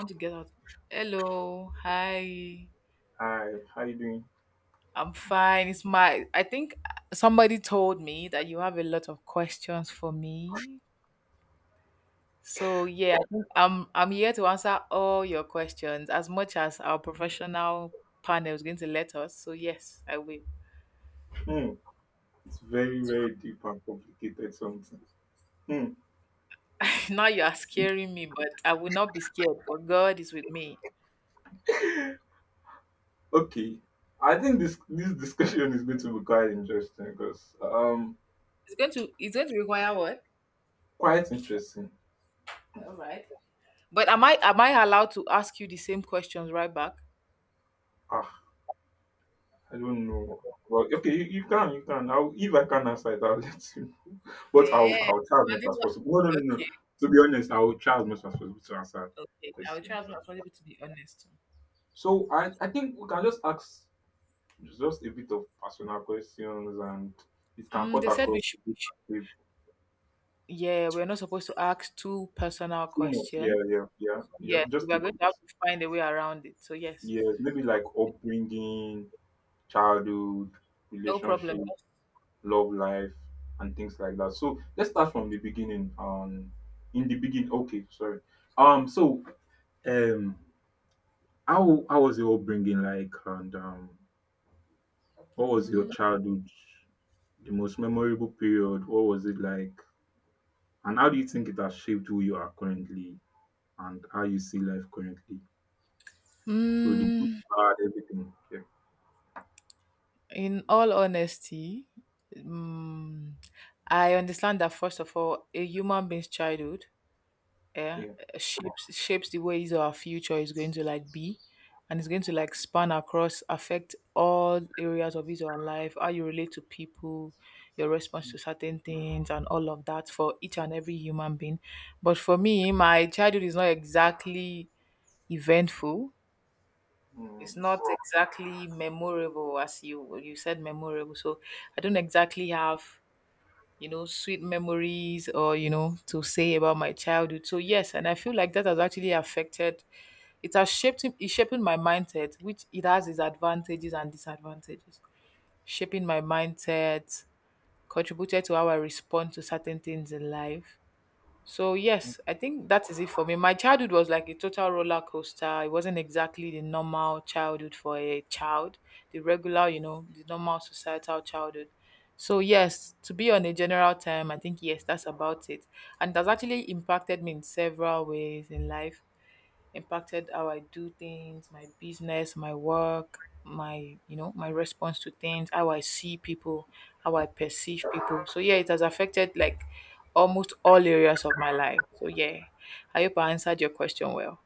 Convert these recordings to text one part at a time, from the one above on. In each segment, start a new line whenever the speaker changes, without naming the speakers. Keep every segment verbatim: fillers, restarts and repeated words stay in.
Want to get out. Hello, hi.
Hi, how you doing?
I'm fine. It's my. I think somebody told me that you have a lot of questions for me. So yeah, I think I'm I'm here to answer all your questions as much as our professional panel is going to let us. So yes, I will.
Hmm, it's very, very deep and complicated something. Hmm,
Now you are scaring me, but I will not be scared. For God is with me.
okay. I think this this discussion is going to be quite interesting because um
It's going to it's going to require what?
Quite interesting.
All right. But am I am I allowed to ask you the same questions right back?
Ah, I don't know. Well, okay, you, you can, you can. I'll, if I can answer it, I'll let you. But I'll
Yeah.
I'll try as
I
much
didn't
as
want-
possible. No, no, no, no. To be honest, I will try as much as possible to answer
Okay, I will try
questions.
as much as
And
possible to be honest.
So I I think we can just ask just a bit of personal questions, and it can
Mm,
cut
they said we
across
should, we should- Yeah, we're not supposed to ask two personal
too much,
questions.
yeah, yeah, yeah,
So,
yeah.
yes,
Just
we
a
are going to have
bit.
to find a way around it. So yes,
Yes, maybe like upbringing, childhood,
no problem.
relationship, love life, and things like that. So let's start from the beginning. Um, in the beginning, okay, sorry. Um, so um, how how was your upbringing like, and um, what was your
Mm,
childhood, the most memorable period? What was it like, and how do you think it has shaped who you are currently and how you see life currently? So the good,
Mm,
bad, everything. Yeah,
in all honesty, mm, I understand that, first of all, a human being's childhood, yeah,
yeah.
shapes shapes the ways our future is going to like be, and it's going to like span across, affect all areas of his or her life, how you relate to people, your response to certain things, and all of that for each and every human being. But for me, my childhood is not exactly eventful. It's
Mm,
not exactly memorable, as you you said, memorable. So I don't exactly have, you know, sweet memories or, you know, to say about my childhood. So yes, and I feel like that has actually affected, it has shaped, it's shaping my mindset, which it has its advantages and disadvantages. Shaping my mindset, contributed to how I respond to certain things in life, so yes, I think that is it for me. My childhood was like a total roller coaster. It wasn't exactly the normal childhood for a child, the regular, you know, the normal societal childhood. So yes, to be on a general term, I think yes, that's about it. And it has actually impacted me in several ways in life, impacted how I do things, my business, my work, my, you know, my response to things, how I see people, how I perceive people. So yeah, it has affected like almost all areas of my life. So yeah, I hope I answered your question well.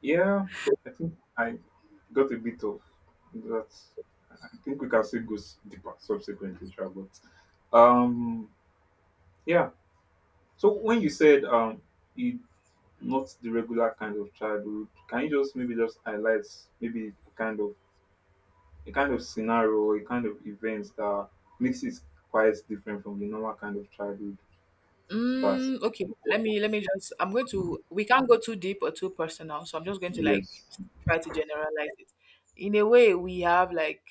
yeah, I think I got a bit of that. I think we can still go s- deeper subsequently, sure, but um, yeah. So when you said um, it not the regular kind of childhood, can you just maybe just highlight maybe a kind of a kind of scenario, a kind of events that makes it quite different from the normal kind of childhood that?
Mm, okay, let me let me just, I'm going to, we can't go too deep or too personal, so I'm just going to like
Yes.
try to generalize it. In a way, we have like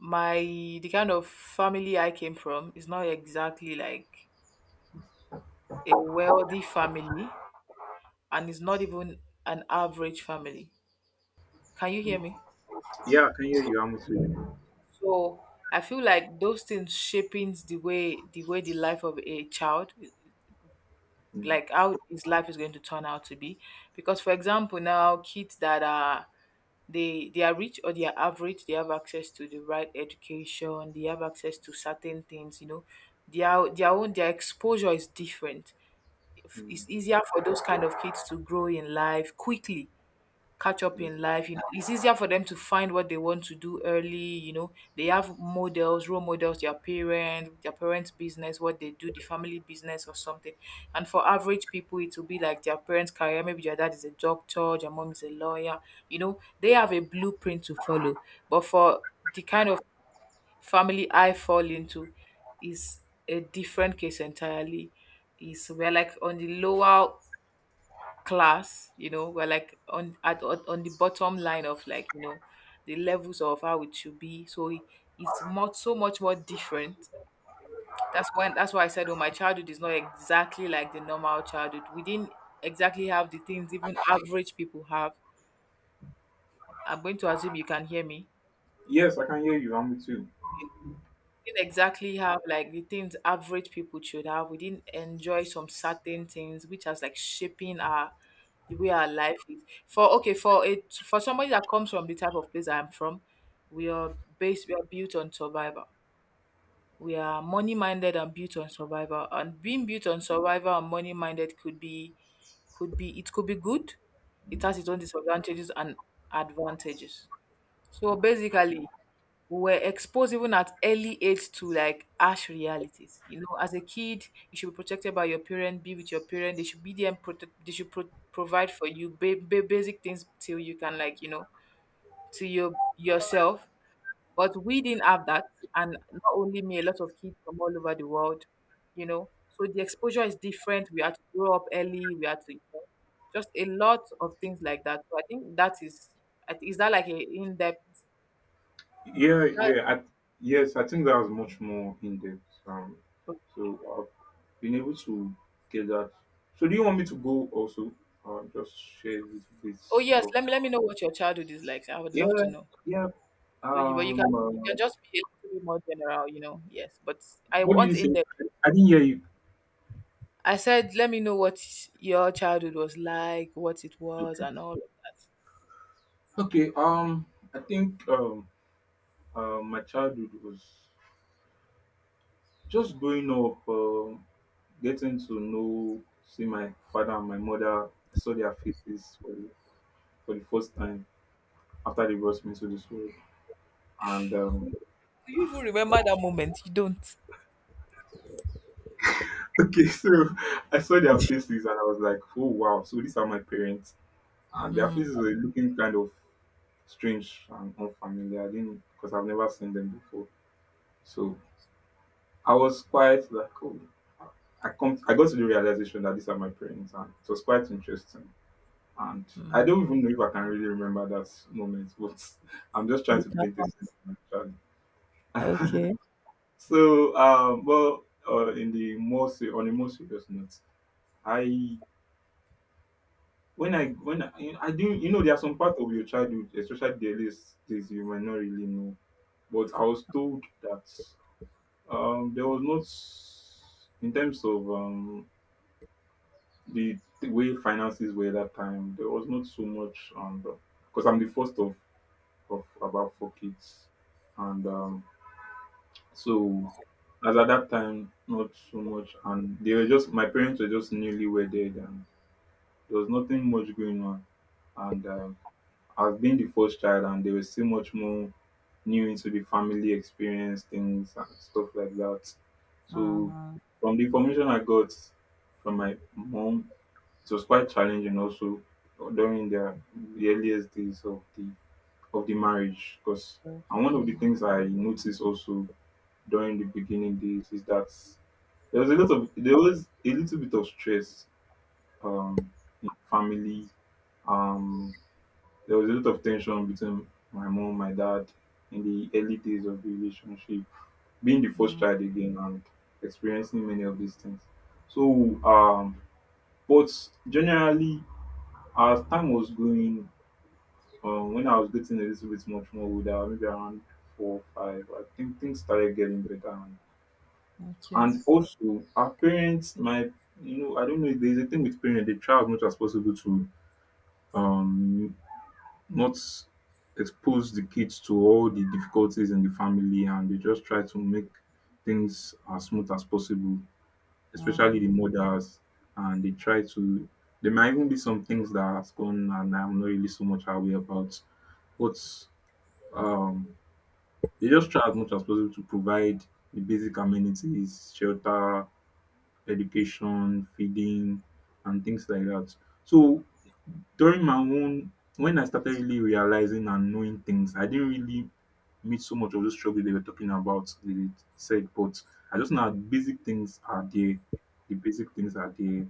my, the kind of family I came from is not exactly like a wealthy family, and it's not even an average family. Can you hear me?
Yeah, I can hear you. I'm with you.
So I feel like those things shaping the way the way the life of a child,
Mm,
like how his life is going to turn out to be. Because for example now, kids that are, they they are rich or they are average, they have access to the right education, they have access to certain things, you know. Their their own their exposure is different.
mm,
It's easier for those kind of kids to grow in life quickly, catch up
yeah.
in life, you know. It's easier for them to find what they want to do early, you know. They have models, role models, their parents, their parents' business, what they do, the family business or something. And for average people it will be like their parents' career, maybe their dad is a doctor, their mom is a lawyer, you know, they have a blueprint to follow. But for the kind of family I fall into is a different case entirely. Is we're like on the lower class, you know, we're like on, at, on on the bottom line of, like, you know, the levels of how it should be. So it- it's much, so much more different. That's when that's why I said, oh, my childhood is not exactly like the normal childhood. We didn't exactly have the things even average people have. I'm going to assume you can hear me.
Yes, I can hear you. I'm with you.
Didn't exactly have like the things average people should have. We didn't enjoy some certain things, which has like shaping our, the way our life is. For okay, for it For somebody that comes from the type of place I'm from, we are based we are built on survival. We are money minded and built on survival. And being built on survival and money minded could be, could be it could be good. It has its own disadvantages and advantages. So basically we were exposed even at early age to like harsh realities. You know, as a kid, you should be protected by your parent, be with your parent. They should be there and protect. They should pro- provide for you ba- ba- basic things till you can, like, you know, to your yourself. But we didn't have that, and not only me, a lot of kids from all over the world. You know, so the exposure is different. We had to grow up early. We had to, you know, just a lot of things like that. So I think that is. I thi- Is that like a in depth?
Yeah, yeah. I, yes, I think that was much more in depth. Um, so I've been able to get that. So do you want me to go also? Uh, just share a little bit
Oh yes,
of.
let me let me know what your childhood is like. I would love
Yeah,
to know.
yeah.
So you, but you can
Um,
you
uh,
can just be a little bit more general, you know. Yes, but I
what did you
want
say?
in there.
I didn't hear you.
I said, let me know what your childhood was like, what it was,
Okay.
and all of that.
Okay. Um, I think um, uh, my childhood was just growing up, um getting to know, see my father and my mother. I saw their faces for the, for the first time, after they brought me to the school. And um,
Do you even remember that moment? You don't.
Okay, so I saw their faces and I was like, oh wow, so these are my parents. And their
Mm,
faces were looking kind of strange and unfamiliar. I didn't because I've never seen them before. So I was quite like, oh, I come, I got to the realization that these are my parents, and it was quite interesting. And I don't
mm.
even know if I can really remember that moment, but I'm just trying
You
to paint a
cannot.
scene. Actually.
Okay.
So, um, well, uh, in the more se- on a more serious note, I when I when I, I do you know there are some part of your childhood, especially the earliest days, you might not really know. But I was told that um, there was not in terms of um, the, the way finances were that time. There was not so much, and because I'm the first of of about four kids, and um, So as at that time, not so much. And they were just my parents were just newly wedded, and there was nothing much going on. And um, I've been the first child, and they were still much more new into the family experience things and stuff like that. So
Uh-huh.
from the information I got from my mom, it was quite challenging also during the, the earliest days of the of the marriage, because and one of the things I noticed also during the beginning days is that there was a lot of there was a little bit of stress um in family um there was a lot of tension between my mom my dad in the early days of the relationship, being the first
Uh,
child again and experiencing many of these things. so um but generally as time was going, um when I was getting a little bit much more older, maybe around four five, I think things started getting better.
okay.
And also, our parents my, you know, I don't know, there's a thing with parents, they try as much as possible to um, not expose the kids to all the difficulties in the family, and they just try to make things as smooth as possible, especially
Uh-huh.
the mothers. And they try to, there might even be some things that has gone and I'm not really so much aware about, but um, they just try as much as possible to provide the basic amenities, shelter, education, feeding, and things like that. So during my own, when I started really realizing and knowing things, I didn't really meet so much of those struggle they were talking about. They said, but I just know that basic things are there. The basic things are there,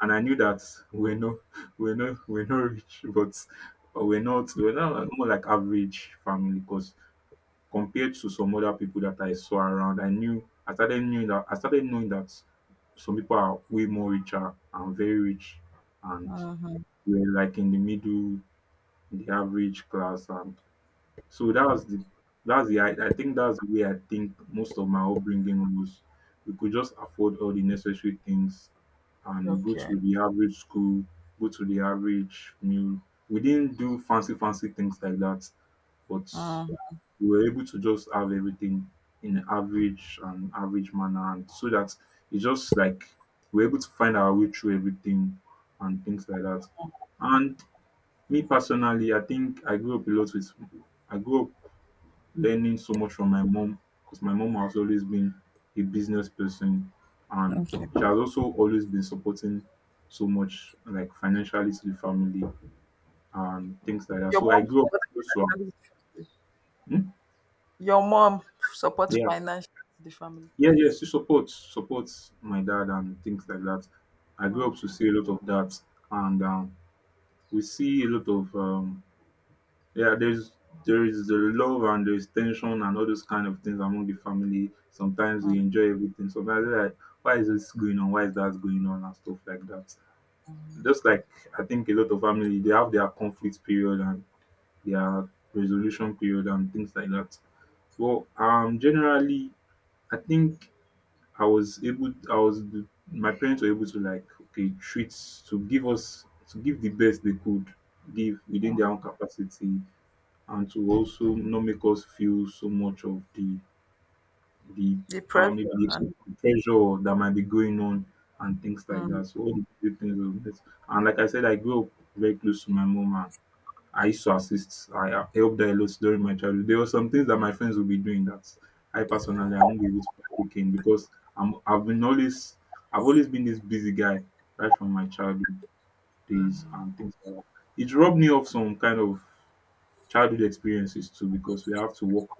and I knew that we're not, we're not, we're not rich, but or we're not, we're not like- more like average family because compared to some other people that I saw around, I knew I started knowing that I started knowing that some people are way more richer and very rich, and
Uh-huh.
we're like in the middle, in the average class, and so that's the that's the I, I think that's the way I think most of my upbringing was. We could just afford all the necessary things and go
Okay.
to the average school, go to the average meal. We didn't do fancy fancy things like that, but
Uh-huh.
we were able to just have everything in an average and average manner, and so that it's just like we're able to find our way through everything and things like that. And me personally, I think I grew up a lot with I grew up learning so much from my mom because my mom has always been a business person, and
Okay.
she has also always been supporting so much like financially to the family and things like that.
Your
So I
mom
grew up
supports
close to her.
financially the family.
Hmm?
Your mom supports
Yeah.
financially the family.
Yeah, yeah, she supports supports my dad and things like that. I grew up to see a lot of that, and um, we see a lot of um, yeah. There's there is the love and there's tension and all those kind of things among the family. Sometimes we enjoy everything. Sometimes we're like, why is this going on? Why is that going on and stuff like that.
Mm.
Just like I think a lot of family they have their conflict period and their resolution period and things like that. Well, um, generally, I think I was able I was my parents were able to like, okay, treat to give us to give the best they could give within their own capacity, and to also not make us feel so much of the the
The
um
pressure
maybe the
and
pressure that might be going on and things like
mm,
that. So all the good things of this. And like I said, I grew up very close to my mom. I used to assist. I uh, helped a lot during my childhood. There were some things that my friends would be doing that I personally I won't be able to partake in because I'm I've been always I've always been this busy guy right from my childhood days and things like that. It robbed me of some kind of childhood experiences too because we have to work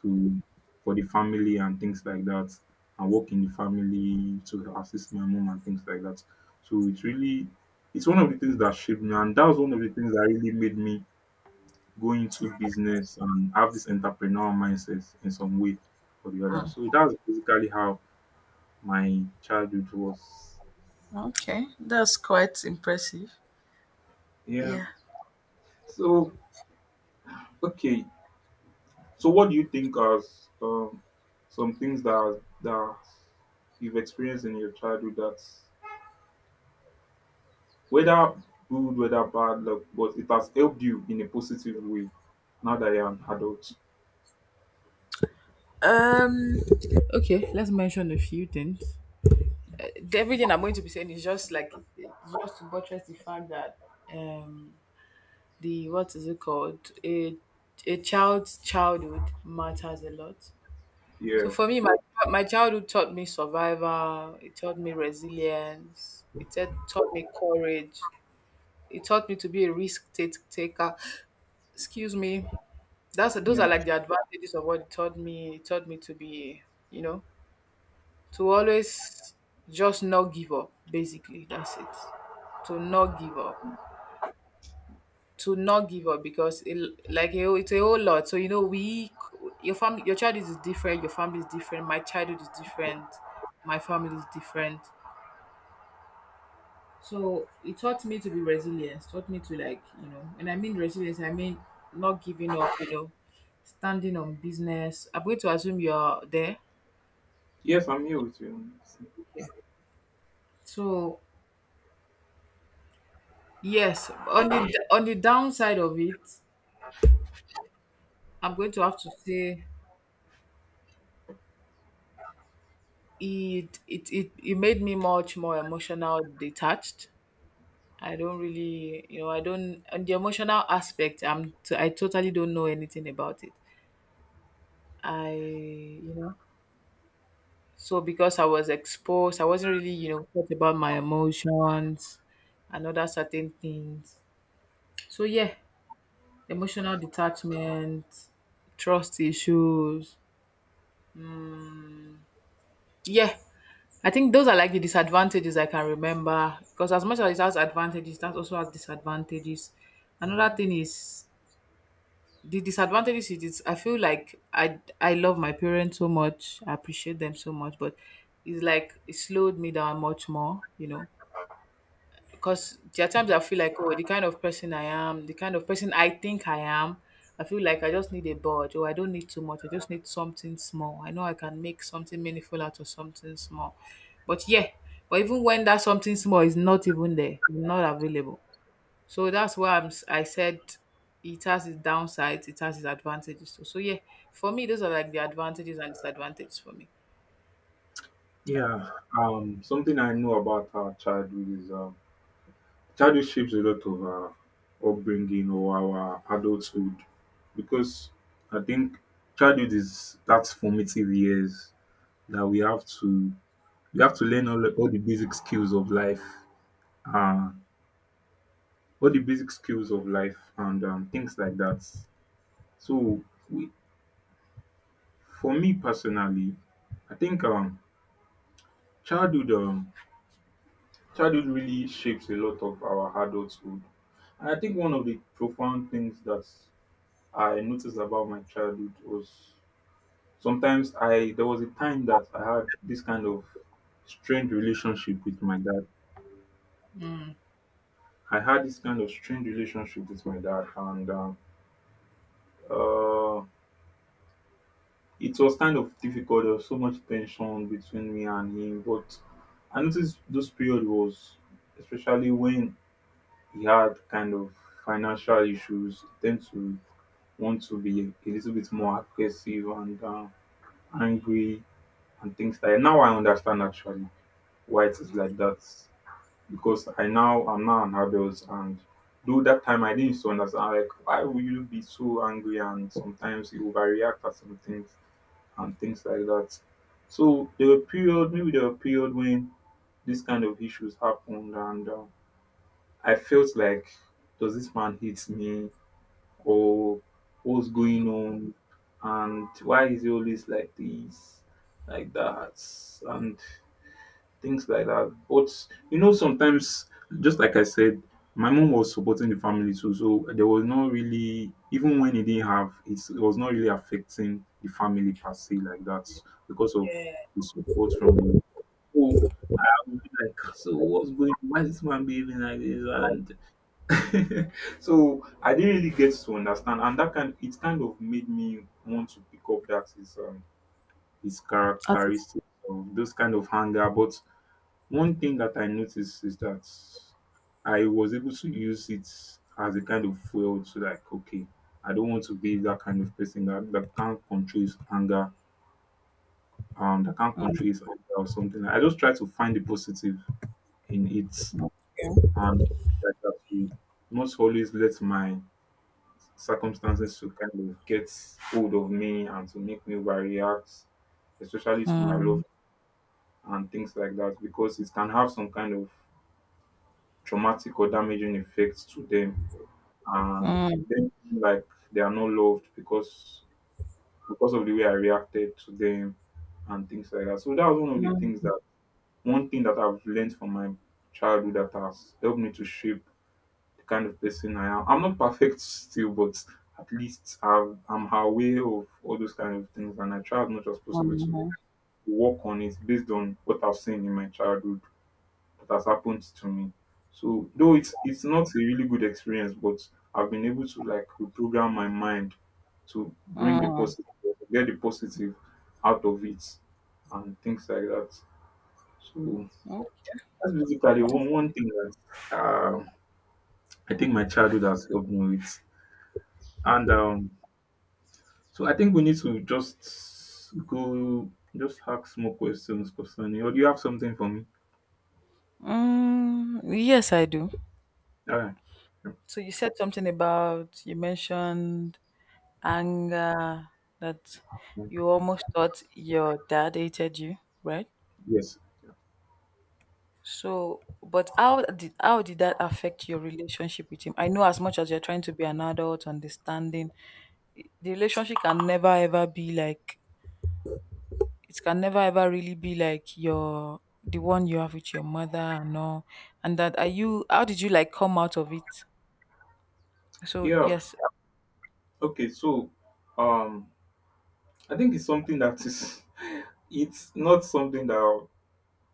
to for the family and things like that, and work in the family to assist my mom and things like that. So it's really it's one of the things that shaped me, and that was one of the things that really made me go into business and have this entrepreneurial mindset in some way or the other. So that's basically how my childhood was.
okay, that's quite impressive.
Yeah.
Yeah.
So okay. So what do you think as um, some things that that you've experienced in your childhood that whether good, whether bad luck, but it has helped you in a positive way now that you're an adult.
Okay, let's mention a few things. The- Everything I'm going to be saying is just like just to buttress the fact that um the, what is it called, a a child's childhood matters a lot. So
Yeah.
for me, my my childhood taught me survival. It taught me resilience. It taught taught me courage. It taught me to be a risk ta- taker. Excuse me. That's, those
Yeah.
are like the advantages of what it taught me. It taught me to be, you know, to always just not give up, basically. That's it. To not give up. To not give up because it, like a whole- it's a whole lot. So you know we, your family, your child is different, your family is different, my childhood is different, my family is different. So it taught me to be resilient, taught me to, like, you know, and I mean resilience, I mean not giving up, you know, standing on business. I'm going to assume you're there.
Yes, I'm here with you.
So yes, on the on the downside of it, I'm going to have to say it it it, it made me much more emotional detached. I don't really, you know, I don't on the emotional aspect. I'm t- I totally don't know anything about it. I, you know, so because I was exposed, I wasn't really, you know, thought about my emotions and other certain things. So yeah, emotional detachment, trust issues. Yeah, I think those are like the disadvantages I can remember, because as much as it has advantages, that also has disadvantages. Another
Mm.
thing is the disadvantages is it's, I feel like I I love my parents so much, I appreciate them so much, but it's like it slowed me down much more, you know, because there are times I feel like, oh, the kind of person I am, the kind of person I think I am, I feel like I just need a budge, or I don't need too much. I just need something small. I know I can make something meaningful out of something small. But yeah, but even when that something small is not even there, not available. So that's why I'm, s- I said it has its downsides, it has its advantages too. So yeah, for me, those are like the advantages and disadvantages for me.
Yeah, um, something I know about our childhood is um, childhood shapes a lot of our upbringing or our adulthood because I think childhood is that formative years that we have to we have to learn all, all the basic skills of life, uh, all the basic skills of life and um, things like that. So, we, for me personally, I think um, childhood. Um, Childhood really shapes a lot of our adulthood. And I think one of the profound things that I noticed about my childhood was sometimes I there was a time that I had this kind of strange relationship with my dad. I had this kind of strange relationship with my dad, and um, uh, it was kind of difficult. There was so much tension between me and him, but I noticed this period was especially when he had kind of financial issues, tend to want to be a little bit more aggressive and um, angry and things like now I understand actually why it is like that because I now I'm now an adult and though that time I didn't used to understand like why will you be so angry and sometimes you overreact at some things and things like that. So there were period maybe there were period when this kind of issues happened and um, I felt like does this man hate me or what's going on and why is he always like this, like that, and things like that. But you know, sometimes, just like I said, my mom was supporting the family too, so there was not really, even when he didn't have, it's- it was not really affecting the family per se like that because of the support from the. So I would be like, so what's going? Why is this man behaving like this? And so I didn't really get to understand, and that kind it kind of made me want to pick up that his um his
At it.
characteristics of those kind of hunger. But one thing that I noticed is that I was able to use it as a kind of fuel to like, okay, I don't want to be that kind of person that, that can't control his anger, um, that can't control his anger or something. I just try to find the positive in it, and like that to not always let my circumstances to kind of get hold of me and to make me overreact, especially to my love and things like that, because it can have some kind of traumatic or damaging effects to them. And then like they are not loved because because of the way I reacted to them and things like that. So that was one of the things that one thing that I've learned from my childhood that has helped me to shape the kind of person I am. I'm not perfect still, but at least I've, I'm aware of all those kind of things, and I try as much as possible to work on it based on what I've seen in my childhood that has happened to me. So though it's it's not a really good experience, but I've been able to like reprogram my mind to bring the positive, get the positive out of it, and things like that. So that's basically one, one thing that uh, I think my childhood has helped me with. And um, so I think we need to just go, just ask more questions concerning, or do you have something for me?
Mm, yes, I do.
All right.
So you said something about, you mentioned anger, that
Yeah.
you almost thought your dad hated you, right?
Yes.
So, but how did how did that affect your relationship with him? I know as much as you're trying to be an adult, understanding, i- the relationship can never ever be like, it can never ever really be like your, the one you have with your mother and all. And that are you? How did you like come out of it? So
Yeah.
yes,
Okay. So, um, I think it's something that is, it's not something that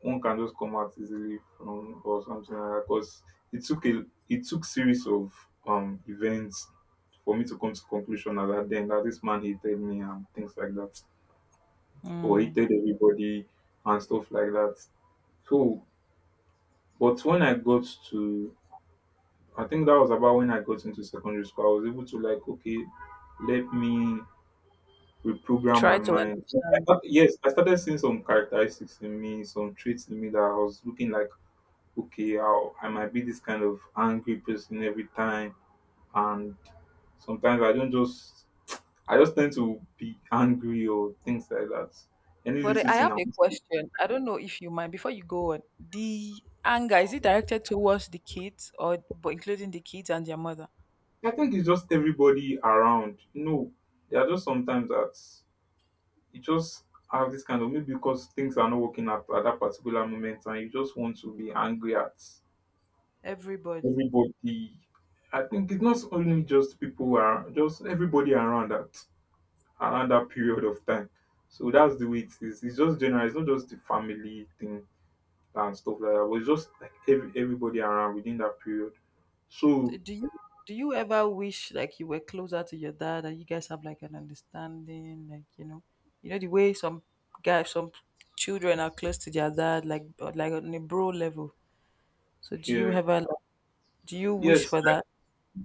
one can just come out easily from or something like that. Because it took a, it took series of um events for me to come to conclusion at that then that this man hated me and things like that, or
mm,
hated everybody and stuff like that. So, but when I got to, I think that was about when I got into secondary school, I was able to like, okay, let me reprogram my
try to
mind. So I
understand.
thought, yes, I started seeing some characteristics in me, some traits in me that I was looking like, okay, I'll, I might be this kind of angry person every time, and sometimes I don't just, I just tend to be angry or things like that. Any
But
little
I
thing
have
I
a
want to do.
question. I don't know if you mind before you go on. The anger, is it directed towards the kids, or but including the kids and their mother?
I think it's just everybody around. You know, there are just sometimes that you just have this kind of maybe because things are not working at, at that particular moment and you just want to be angry at
Everybody.
everybody. I think it's not only just people who are just everybody around that around that period of time. So that's the way it is. It's just general, it's not just the family thing and stuff like that, but it's just like every, everybody around within that period.
D-
So
Do you do you ever wish like you were closer to your dad and you guys have like an understanding, like you know, you know the way some guys, some children are close to their dad, like, or like on a bro level. So do you
yeah,
ever like, do you wish
yes,
for that?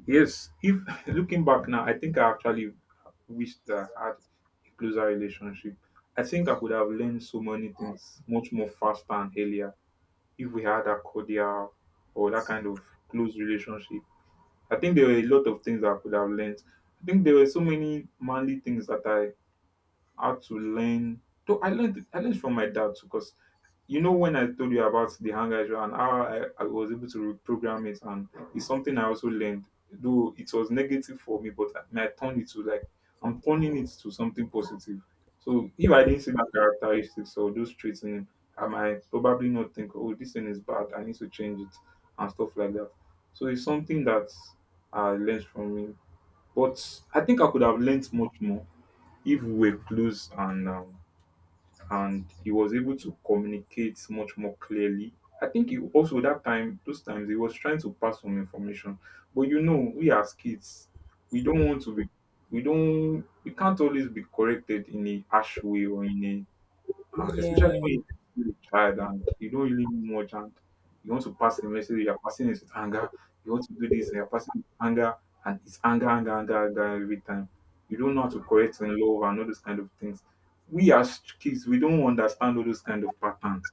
yes, if looking back now, I think I actually wished that I had a closer relationship. I think I could have learned so many things much more faster and earlier if we had a cordial or that kind of close relationship. I think there were a lot of things I could have learned. I think there were so many manly things that I had to learn. Though I learned I learned from my dad too, 'cause you know when I told you about the hand gesture and how I, I was able to reprogram it and it's something I also learned though it was negative for me but i, I turned it to like i'm turning it to something positive so if I didn't see that characteristics or those traits in him I might probably not think oh this thing is bad I need to change it and stuff like that so it's something that I learned from him but I think I could have learned much more if we were close and um, and he was able to communicate much more clearly. I think he also that time, those times, he was trying to pass some information. But you know, we as kids, we don't want to be, we don't, we can't always be corrected in a harsh way or in a Ah, especially
Yeah.
when you're a child and you don't really know much and you want to pass the message, you're passing it with anger, you want to do this, and you're passing it with anger, and it's anger, anger, anger, anger every time. You don't know how to correct in love and all those kind of things. We as kids, we don't understand all those kind of patterns.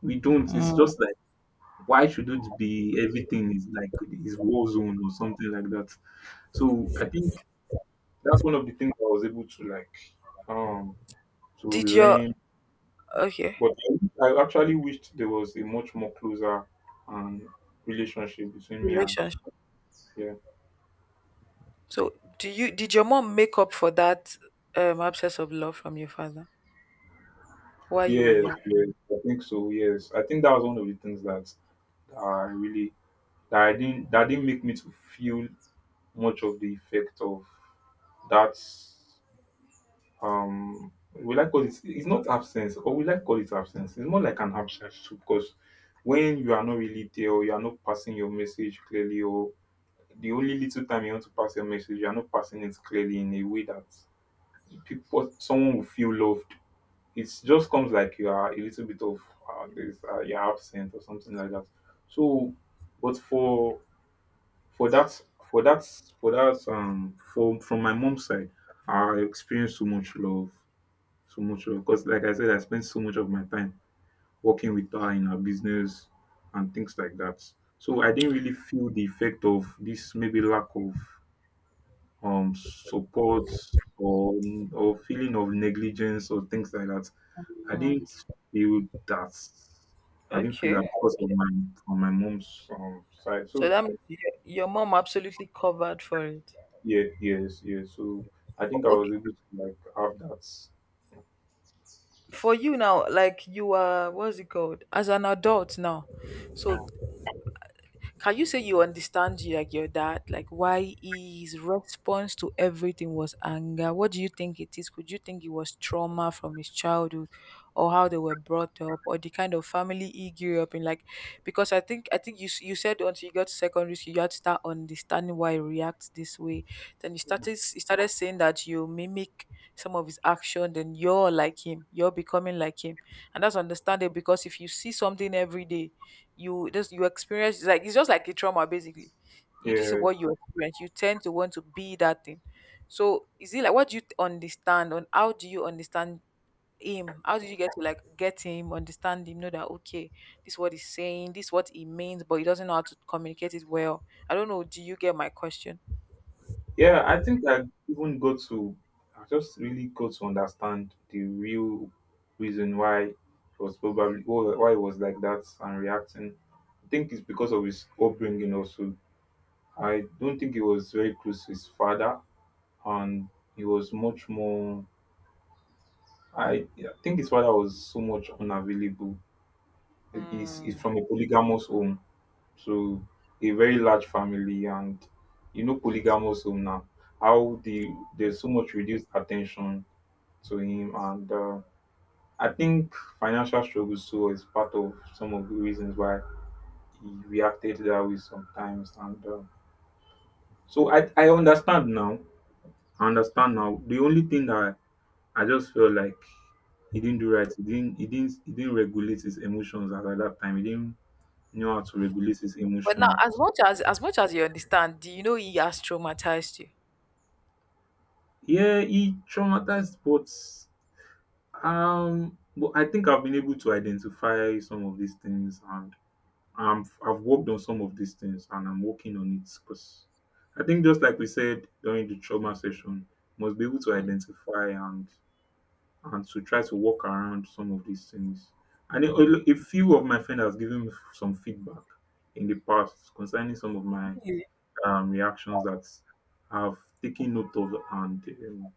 We don't. It's just like why should it be everything is like is war zone or something like that. So I think that's one of the things I was able to like um to
Did your,
learn.
okay,
But then I actually wished there was a much more closer um, relationship between me and
relationship?
yeah.
So, do you did your mom make up for that um absence of love from your father while you were
Yes,
young?
yes, I think so. Yes, I think that was one of the things that, that I really that I didn't that didn't make me to feel much of the effect of that. Um, will I call it? It's not absence, or will I call it absence? It's more like an absence too, because when you are not really there, or you are not passing your message clearly, or the only little time you want to pass your message, you're not passing it clearly in a way that people, someone will feel loved. It just comes like you are a little bit of uh, this, uh, you're absent or something like that. So, but for for that for that for that um from from my mom's side, I experienced so much love, so much love. Because like I said, I spent so much of my time working with her in her business and things like that. So I didn't really feel the effect of this maybe lack of um support or or feeling of negligence or things like that. I
Mhm.
didn't feel that. I didn't feel
Okay.
that because of my from my mom's um, side.
So
So
that means your, your mom absolutely covered for it.
yeah, yes, yes. So I think I was
Okay.
able to like have that.
For you now, like you are, what's it called? As an adult now,
Yeah,
so can you say you understand you, like your dad, like why his response to everything was anger? What do you think it is? Could you think it was trauma from his childhood, or how they were brought up, or the kind of family he grew up in? Like, because I think I think you s- you said once you got to secondary school, you had to start understanding why he reacts this way. Then you started, s- you started saying that you mimic some of his action, then you're like him, you're becoming like him. And that's understandable, because if you see something every day, you just, you experience, it's like, it's just like a trauma basically. You, this is
yeah.
what you experience, you tend to want to be that thing. So is it like, what do you understand on, how do you understand him, how did you get to like get him, understand him, know that, okay, this is what he's saying, this is what he means, but he doesn't know how to communicate it well. I don't know, do you get my question?
Yeah, I think I even got to. I just really got to understand the real reason why it was probably why why it was like that and reacting. I think it's because of his upbringing also I don't think he was very close to his father, and he was much more. I, I think his father was so much unavailable. He's, he's
Mm.
from a polygamous home, so a very large family, and you know polygamous home now. How the There's so much reduced attention to him, and uh, I think financial struggles too is part of some of the reasons why he reacted that way sometimes. And uh, so I I understand now. I understand now. The only thing that I just felt like he didn't do right. He didn't he didn't he didn't regulate his emotions at, at that time. He didn't know how to regulate his
But now, as
emotions.
much as as much as you understand, do you know he has traumatized you?
Yeah, he traumatized, but um but I think I've been able to identify some of these things and um I've worked on some of these things and I'm working on it because I think just like we said during the trauma session, must be able to identify and and to try to work around some of these things. And a, a
Mhm.
few of my friends has given me some feedback in the past concerning some of my
Really?
um, reactions that I've taken note of and um,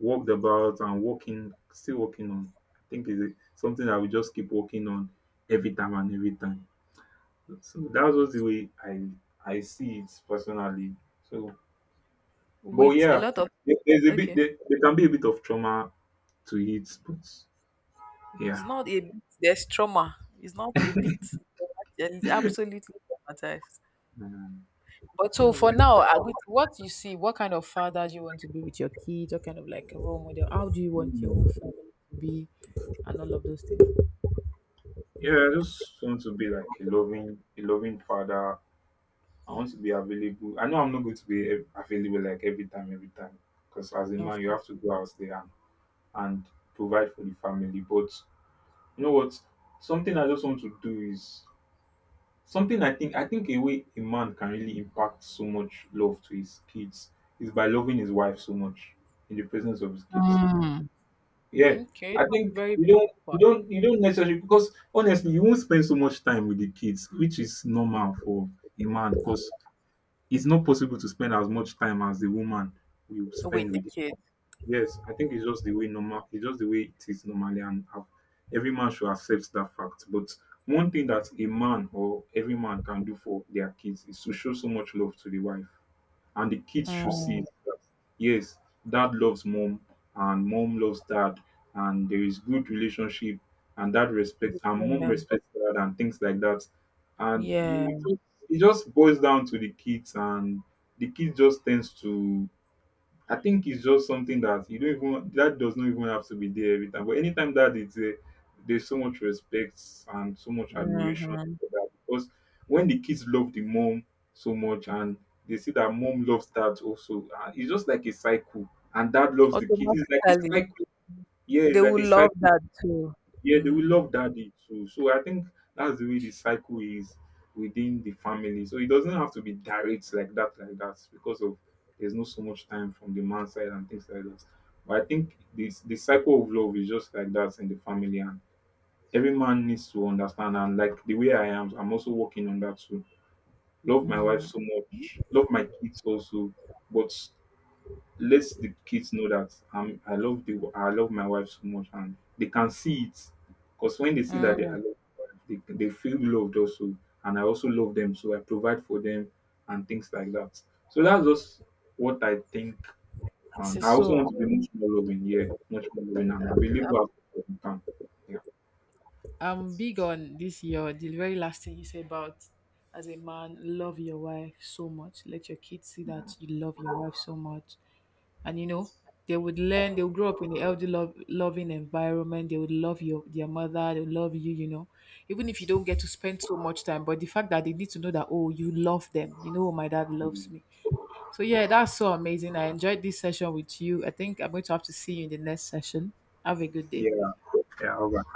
worked about and working, still working on. I think is a- something that we just keep working on every time and every time. So that was the way I I see it personally. So, but
With a
yeah,
lot of,
there- there's a bit
okay,
there, there can be a bit of trauma to it, but
it's
yeah.
not a bit. There's trauma. It's not a bit. You're absolutely traumatized.
Mm.
But
Yeah,
so for
but,
now, uh, with what you see, what kind of father do you want to be with your kids? What kind of, like, a role model? How do you want your
mm,
family to be, and all of those things?
yeah, I just want to be like a loving, a loving father. I want to be available. I know I'm not going to be ev- available like every time, every time, because as a
No.
man, you have to go out there and, and provide for the family. But you know what? Something I just want to do is something I think I think a way a man can really impact so much love to his kids is by loving his wife so much in the presence of his kids.
Mm.
Yeah,
Okay,
I
that's a
think
very
you don't you
valid
don't you don't necessarily because honestly you won't spend so much time with the kids, which is normal for a man because it's not possible to spend as much time as the woman will spend
with the
with the
kids.
kids. Yes, I think it's just the way normal it's just the way it is normally and uh, every man should accept that fact. But one thing that a man or every man can do for their kids is to show so much love to the wife and the kids should see
Mm,
it that yes, dad loves mom and mom loves dad, and there is good relationship and dad respects and
in
mom
them.
respects dad and things like that. And you
Yeah.
just, it just boils down to the kids, and the kids just tends to I think it's just something that you don't even that does not even have to be there every time. But anytime that it's there, there's so much respect and so much admiration
Mm-hmm.
for that because when the kids love the mom so much and they see that mom loves dad also, uh, it's just like a cycle, and dad loves the kids. It's like a
Automatically,
cycle. Yeah,
they
it's like a
will love
cycle,
that too.
yeah, they will
Mm-hmm.
love daddy too. So I think that's the way the cycle is within the family. So it doesn't have to be direct like that, like that, because of there's not so much time from the man's side and things like that. But I think this the cycle of love is just like that in the family, and every man needs to understand. And like the way I am, I'm also working on that too. Love my wife so much, love my kids also, but let the kids know that I'm I love the I love my wife so much and they can see it because when they see that they, I
Mm-hmm.
love my wife, they, they feel loved also and I also love them so I provide for them and things like that. So that's just what I think
This
and
is
I also
so
want to be much more loving, yeah, much more loving and available at all time. Yeah.
I'm big on this year. The very last thing you said about, as a man, love your wife so much. Let your kids see that you love your wife so much. And you know, they would learn, they would grow up in a healthy love, loving environment. They would love your, their mother, they would love you, you know. Even if you don't get to spend so much time. But the fact that they need to know that, oh, you love them. You know, oh, my dad loves
Mm.
me. So yeah, that's so amazing. I enjoyed this session with you. I think I'm going to have to see you in the next session. Have a good day.
Yeah, yeah, all right.